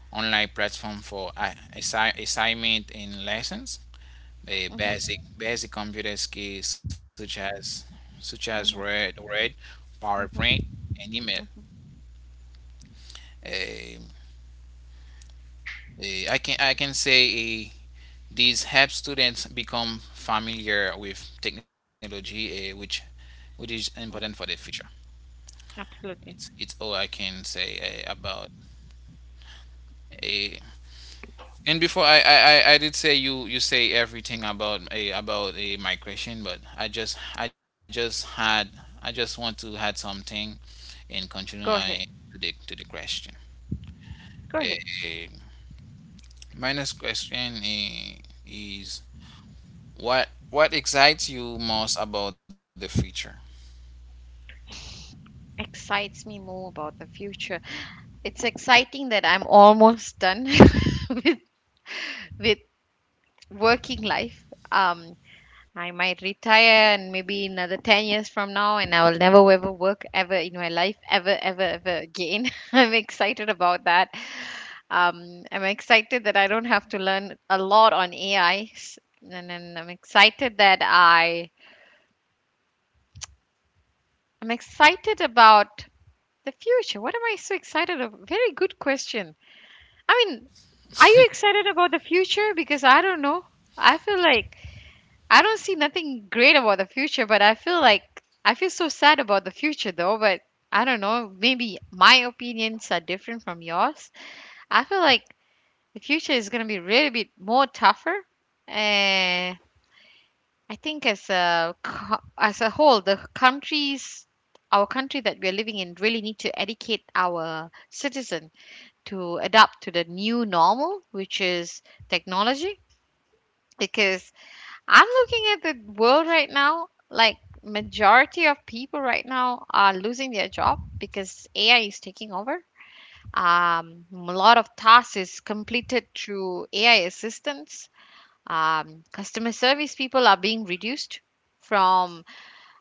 Speaker 1: online platform for assignment and lessons, a
Speaker 2: Mhm.
Speaker 1: basic computer skills such as Word,
Speaker 2: Mhm.
Speaker 1: PowerPoint, and email.
Speaker 2: Mhm.
Speaker 1: Um, I can say uh, these help students become familiar with technology, which is important for the
Speaker 2: Mhm.
Speaker 1: future.
Speaker 2: Absolutely.
Speaker 1: It's all I can say about a. And before, I did say you you say everything about a migration, but I just want to add something and continue
Speaker 2: Go
Speaker 1: I
Speaker 2: ahead.
Speaker 1: to the question.
Speaker 2: Go ahead.
Speaker 1: Eh, my next question is, what excites you most about the future?
Speaker 2: Excites me more about the future. It's exciting that I'm almost done with with working life. Um, I might retire and maybe another 10 years from now, and I will never ever work ever in my life, ever, ever, ever again. I'm excited about that. I'm excited that I don't have to learn a lot on AI, and then I'm excited about the future. What am I so excited of? Very good question. I mean, are you excited about the future? Because I don't know. I feel like I don't see nothing great about the future, but I feel like I feel so sad about the future though, but I don't know, maybe my opinions are different from yours. I feel like the future is going to be really bit more tougher. And I think as a whole, the countries our country that we're living in really need to educate our citizen to adapt to the new normal, which is technology, because I'm looking at the world right now, like majority of people right now are losing their job because AI is taking over. A lot of tasks is completed through AI assistance. Customer service people are being reduced from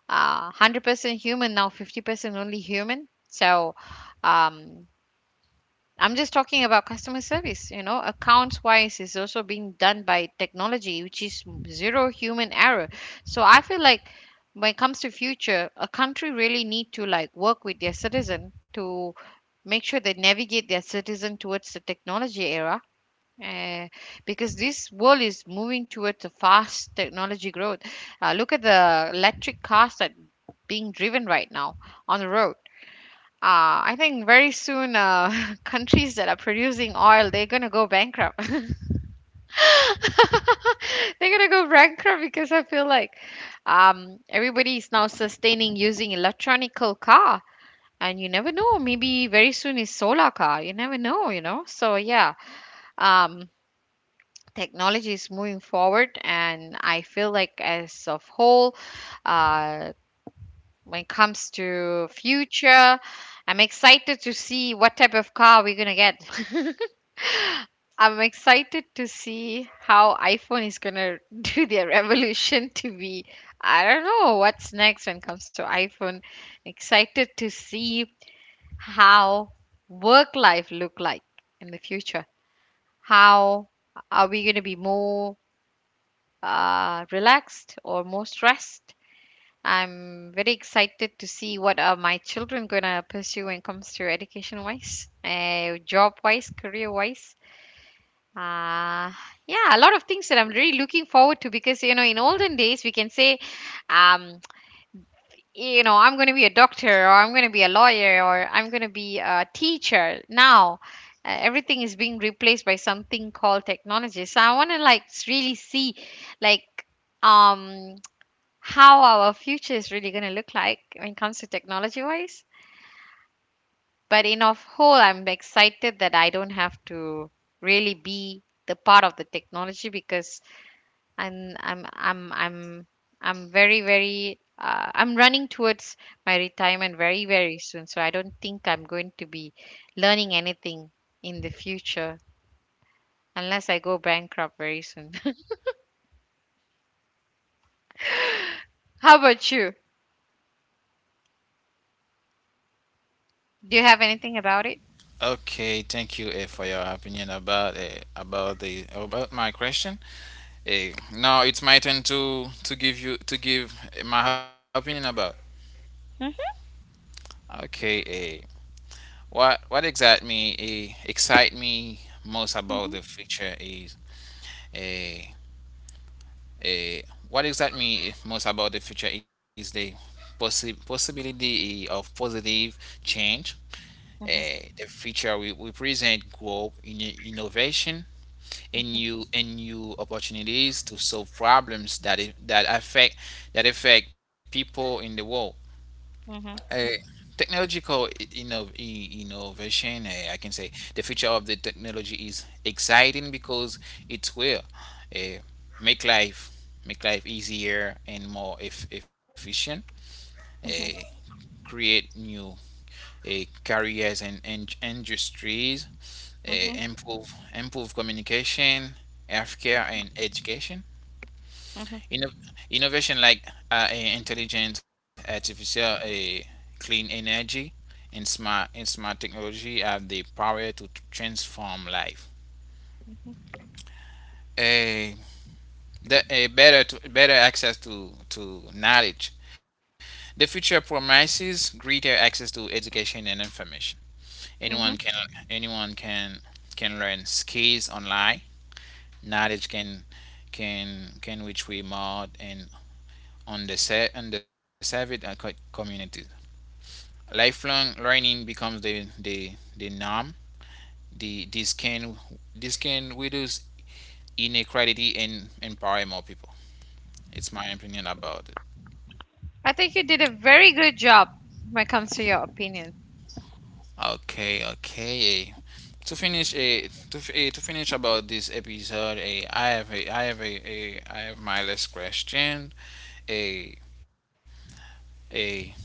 Speaker 2: 100% human, now 50% only human. So um, I'm just talking about customer service. You know, accounts wise is also being done by technology, which is zero human error. So I feel like when it comes to future, a country really need to like work with their citizen to make sure they navigate their citizen towards the technology era. Uh, because this world is moving towards a fast technology growth. Look at the electric cars that being driven right now on the road. I think very soon, countries that are producing oil, they're gonna go bankrupt. They're gonna go bankrupt because I feel like everybody is now sustaining using electronical car, and you never know. Maybe very soon is solar car. You never know, you know. So yeah, um, technology is moving forward, and I feel like as of whole, uh, when it comes to future. I'm excited to see what type of car we're gonna get. I'm excited to see how iPhone is gonna do their revolution to be. I don't know what's next when it comes to iPhone. Excited to see how work life look like in the future. How are we gonna be more relaxed or more stressed? I'm very excited to see what are my children gonna pursue when it comes to education wise, job wise, career wise. Uh, yeah, a lot of things that I'm really looking forward to because you know in olden days we can say, um, you know I'm gonna be a doctor or I'm gonna be a lawyer or I'm gonna be a teacher. Now, everything is being replaced by something called technology. So I wanna like really see, like um how our future is really going to look like when it comes to technology wise. But in of whole, I'm excited that I don't have to really be the part of the technology because I'm I'm I'm I'm I'm very I'm running towards my retirement very soon. So I don't think I'm going to be learning anything in the future unless I go bankrupt very soon. How about you? Do you have anything about it?
Speaker 1: Okay, thank you for your opinion about, eh, about the about my question. Now it's my turn to give you to give my opinion about.
Speaker 2: Hmm.
Speaker 1: Okay, what excite me, excite me most
Speaker 2: Hmm.
Speaker 1: about the future is eh, Eh, what excites me most about the future is the possibility of positive change. The future will present growth in innovation and new opportunities to solve problems that that affect people in the world.
Speaker 2: Hmm.
Speaker 1: A Technological innovation, I can say the future of the technology is exciting because it will eh, make life make life easier and more efficient.
Speaker 2: Hmm.
Speaker 1: eh, Create new careers and industries,
Speaker 2: Hmm.
Speaker 1: improve communication, healthcare, and education.
Speaker 2: Hmm.
Speaker 1: Inno- Innovation like, intelligent artificial, clean energy. In smart technology have the power to transform life. A, the, a Better better access to knowledge. The future promises greater access to education and information. Anyone
Speaker 2: Hmm.
Speaker 1: can anyone can learn skills online. Knowledge can reach remote and underserved communities. Lifelong learning becomes the norm. The This can reduce inequality and empower more people. It's my opinion about it.
Speaker 2: I think you did a very good job when it comes to your opinion.
Speaker 1: Okay, okay. To finish a to finish about this episode, a I have my last question. A a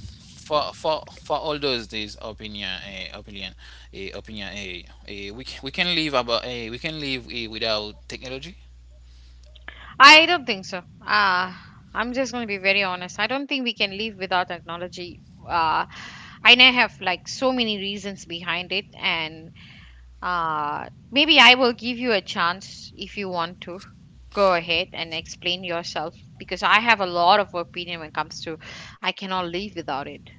Speaker 1: for all those this opinion, a opinion a opinion a we can live, about a we can live without technology.
Speaker 2: I don't think so. Uh, I'm just going to be very honest. I don't think we can live without technology. I now have like so many reasons behind it, and maybe I will give you a chance if you want to go ahead and explain yourself because I have a lot of opinion when it comes to I cannot live without it.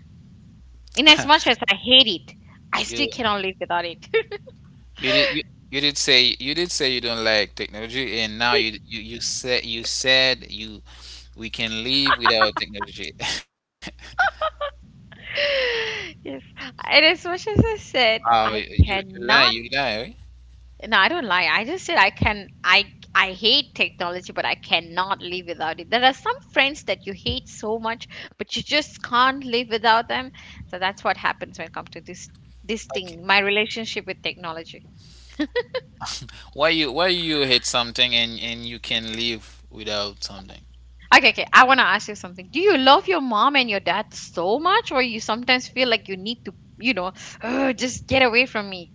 Speaker 2: In as much as I hate it, I still cannot live without it.
Speaker 1: You did you, you did say you don't like technology, and now you said you, we can live without technology.
Speaker 2: Yes. And as much as I said,
Speaker 1: Oh,
Speaker 2: I
Speaker 1: you you lie
Speaker 2: cannot.
Speaker 1: you lie. Right?
Speaker 2: No, I don't lie. I hate technology, but I cannot live without it. There are some friends that you hate so much, but you just can't live without them. So that's what happens when it comes to this
Speaker 1: Like,
Speaker 2: thing. My relationship with technology.
Speaker 1: why you hate something and you can live without something?
Speaker 2: Okay, okay. I want to ask you something. Do you love your mom and your dad so much, or you sometimes feel like you need to, you know, "Ugh, just get away from me?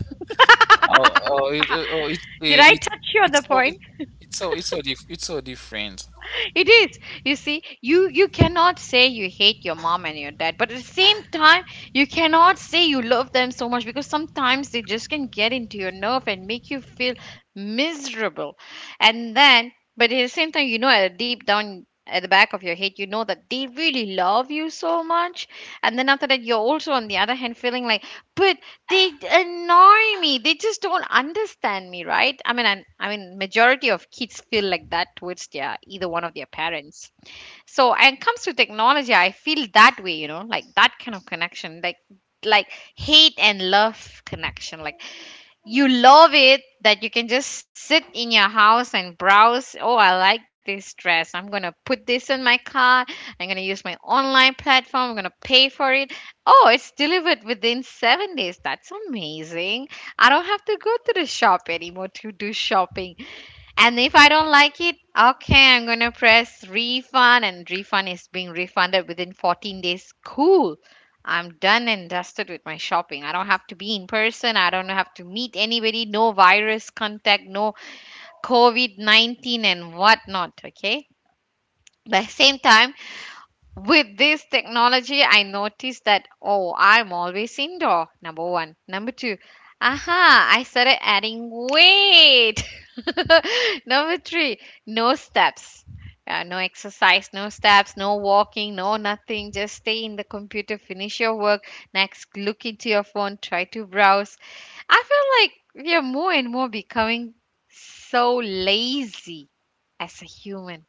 Speaker 1: Oh oh it,
Speaker 2: Did I
Speaker 1: it,
Speaker 2: touch you on
Speaker 1: it's
Speaker 2: the
Speaker 1: so it,
Speaker 2: point?
Speaker 1: It's so different.
Speaker 2: It is. You see, you cannot say you hate your mom and your dad, but at the same time you cannot say you love them so much because sometimes they just can get into your nerve and make you feel miserable, and then, but at the same time, you know, at deep down at the back of your head, you know that they really love you so much, and then after that you're also on the other hand feeling like, but they annoy me, they just don't understand me, right? I mean majority of kids feel like that towards their either one of their parents. So and it comes to technology, I feel that way, you know, like that kind of connection, like hate and love connection, like you love it that you can just sit in your house and browse. Oh, I like this dress. I'm going to put this in my cart. I'm going to use my online platform. I'm going to pay for it. Oh, it's delivered within 7 days. That's amazing. I don't have to go to the shop anymore to do shopping. And if I don't like it, okay, I'm gonna press refund, and refund is being refunded within 14 days. Cool. I'm done and dusted with my shopping. I don't have to be in person. I don't have to meet anybody. No virus contact, no COVID 19 and whatnot. Okay. By the same time, with this technology, I noticed that, oh, I'm always indoor. Number one. Number two, aha, I started adding weight. Number three, no steps. No exercise, no steps, no walking, no nothing. Just stay in the computer, finish your work. Next, look into your phone, try to browse. I feel like we are more and more becoming so lazy as a human.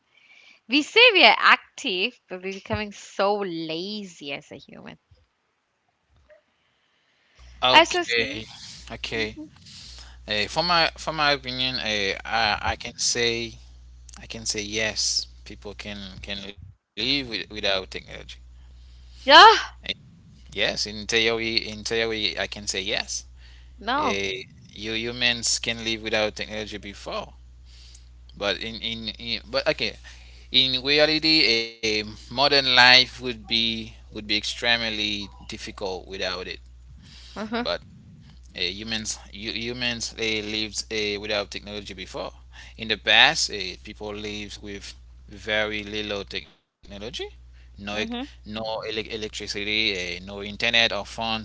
Speaker 2: We say we are active, but we're becoming so lazy as a human. That's just
Speaker 1: Okay,
Speaker 2: me.
Speaker 1: okay. For my opinion, I can say. I can say yes. People can live without technology.
Speaker 2: Yeah.
Speaker 1: Eh, Yes, in theory, I can say yes.
Speaker 2: No.
Speaker 1: Eh, you Humans can live without technology before, but in reality, a modern life would be extremely difficult without it.
Speaker 2: Hmm.
Speaker 1: But humans, they lived without technology before. In the past, people lived with very little technology, no ec- no
Speaker 2: Hmm.
Speaker 1: electricity, no internet or phones.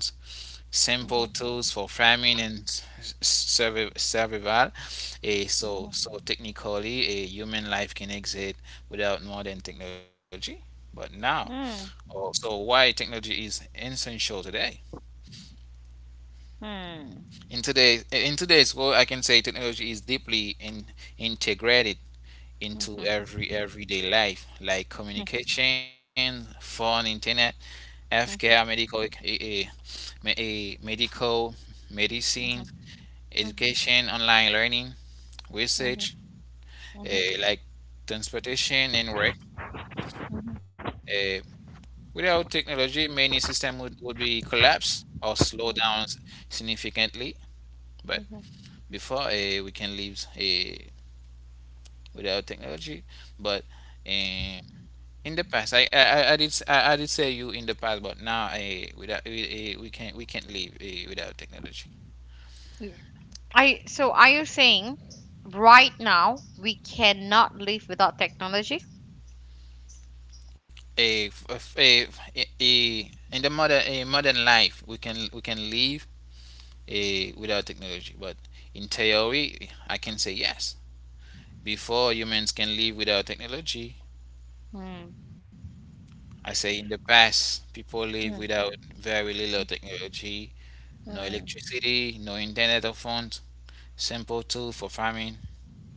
Speaker 1: Simple
Speaker 2: Hmm.
Speaker 1: tools for farming and survival. So technically, a human life can exist without modern technology. But now, oh, so why technology is essential today? In today's world, I can say technology is deeply integrated into everyday life, like communication, phone, internet, healthcare, medical, eh, eh, me- eh, medical, medicine, education, online learning, research,
Speaker 2: Hmm.
Speaker 1: like transportation and work. Eh, Without technology, many systems would be collapsed or slow down significantly. But before, we can leave without technology. But um, in the past, I did s- I did say you in the past, but now I without we, we can't live without technology.
Speaker 2: I. So are you saying right now we cannot live without technology?
Speaker 1: A, a, in the modern, a modern life, we can live without technology. But in theory, I can say yes. Before humans can live without technology,
Speaker 2: Hmm.
Speaker 1: I say in the past, people live
Speaker 2: Hmm.
Speaker 1: without very little technology, no
Speaker 2: Hmm.
Speaker 1: electricity, no internet or phone. Simple tool for farming.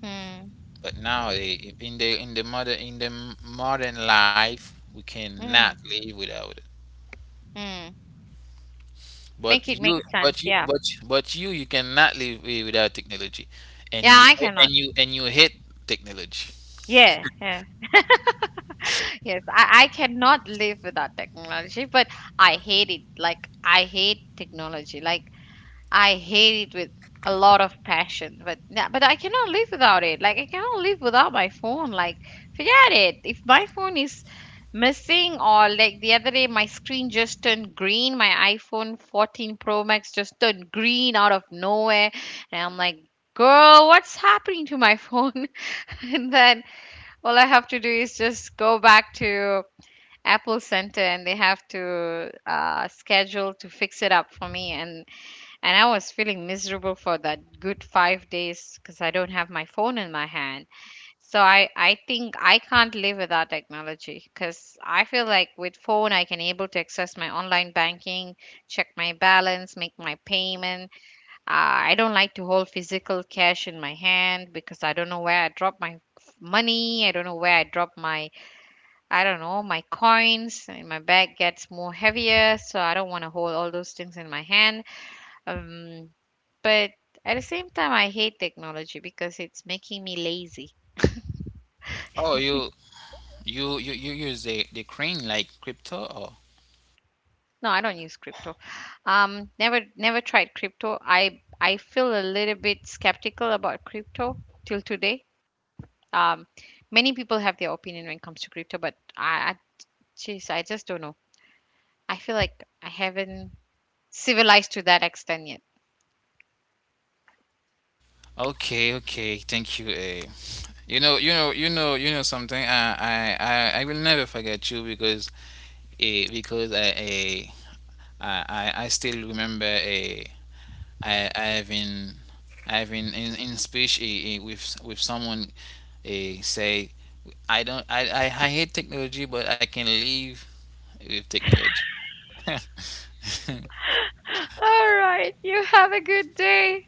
Speaker 2: Hmm.
Speaker 1: But now, in the modern life, we cannot
Speaker 2: Hmm.
Speaker 1: live without it.
Speaker 2: Hmm.
Speaker 1: But
Speaker 2: Make it
Speaker 1: you,
Speaker 2: make sense.
Speaker 1: but you,
Speaker 2: Yeah.
Speaker 1: but you cannot live without technology, and
Speaker 2: Yeah.
Speaker 1: you
Speaker 2: I cannot.
Speaker 1: and you hate technology.
Speaker 2: Yeah. Yeah. Yes, I cannot live without technology, but I hate it. Like I hate technology. Like I hate it with a lot of passion, but yeah, but I cannot live without it. Like I cannot live without my phone. Like forget it. If my phone is missing or like the other day my screen just turned green, my iPhone 14 Pro Max just turned green out of nowhere and I'm like, "Girl, what's happening to my phone?" and then all I have to do is just go back to Apple Center and they have to schedule to fix it up for me and I was feeling miserable for that good 5 days because I don't have my phone in my hand. So I think I can't live without technology because I feel like with phone I can able to access my online banking, check my balance, make my payment. I don't like to hold physical cash in my hand because I don't know where I drop my money. I don't know my coins. And my bag gets more heavier, so I don't want to hold all those things in my hand, um but at the same time, I hate technology because it's making me lazy.
Speaker 1: Oh, you use the crane like crypto? Or
Speaker 2: No, I don't use crypto. Never tried crypto. I feel a little bit skeptical about crypto till today. Um, Many people have their opinion when it comes to crypto, but I geez, I just don't know. I feel like I haven't civilized to that extent yet.
Speaker 1: okay, okay, thank you. Eh. You know something. I will never forget you, because eh, because I, eh, I still remember, a I, I having I having in speech, with someone, a say, I don't I hate technology, but I can live with technology.
Speaker 2: All right, you have a good day.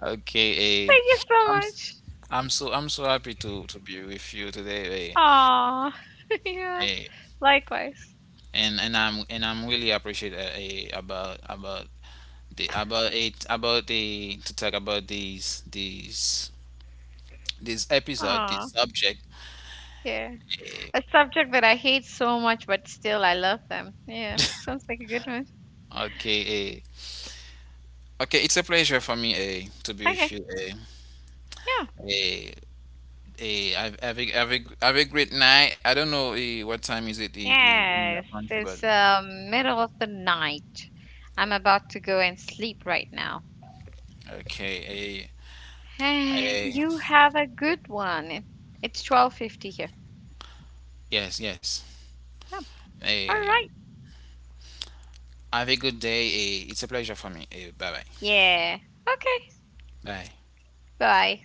Speaker 1: Okay,
Speaker 2: Thank you so
Speaker 1: I'm s-
Speaker 2: much.
Speaker 1: I'm so happy to be with you today.
Speaker 2: Aw, yeah,
Speaker 1: Eh,
Speaker 2: likewise.
Speaker 1: and I'm really appreciate about the about it about the to talk about these this episode, this
Speaker 2: Aw,
Speaker 1: subject.
Speaker 2: yeah.
Speaker 1: Eh,
Speaker 2: A subject that I hate so much, but still I love them. Yeah, sounds like a good one.
Speaker 1: okay, eh. Okay, it's a pleasure for me to be
Speaker 2: Okay,
Speaker 1: with you.
Speaker 2: yeah.
Speaker 1: Eh, have a great night. I don't know what time is it, in your
Speaker 2: Yes,
Speaker 1: country, but
Speaker 2: it's middle of the night. I'm about to go and sleep right now.
Speaker 1: okay. Eh,
Speaker 2: And
Speaker 1: eh,
Speaker 2: you have a good one. It's 12:50 here.
Speaker 1: yes, yes.
Speaker 2: Yep. All
Speaker 1: Eh,
Speaker 2: right.
Speaker 1: have a good day. It's a pleasure for me. Bye, bye.
Speaker 2: Yeah. Okay.
Speaker 1: Bye.
Speaker 2: Bye.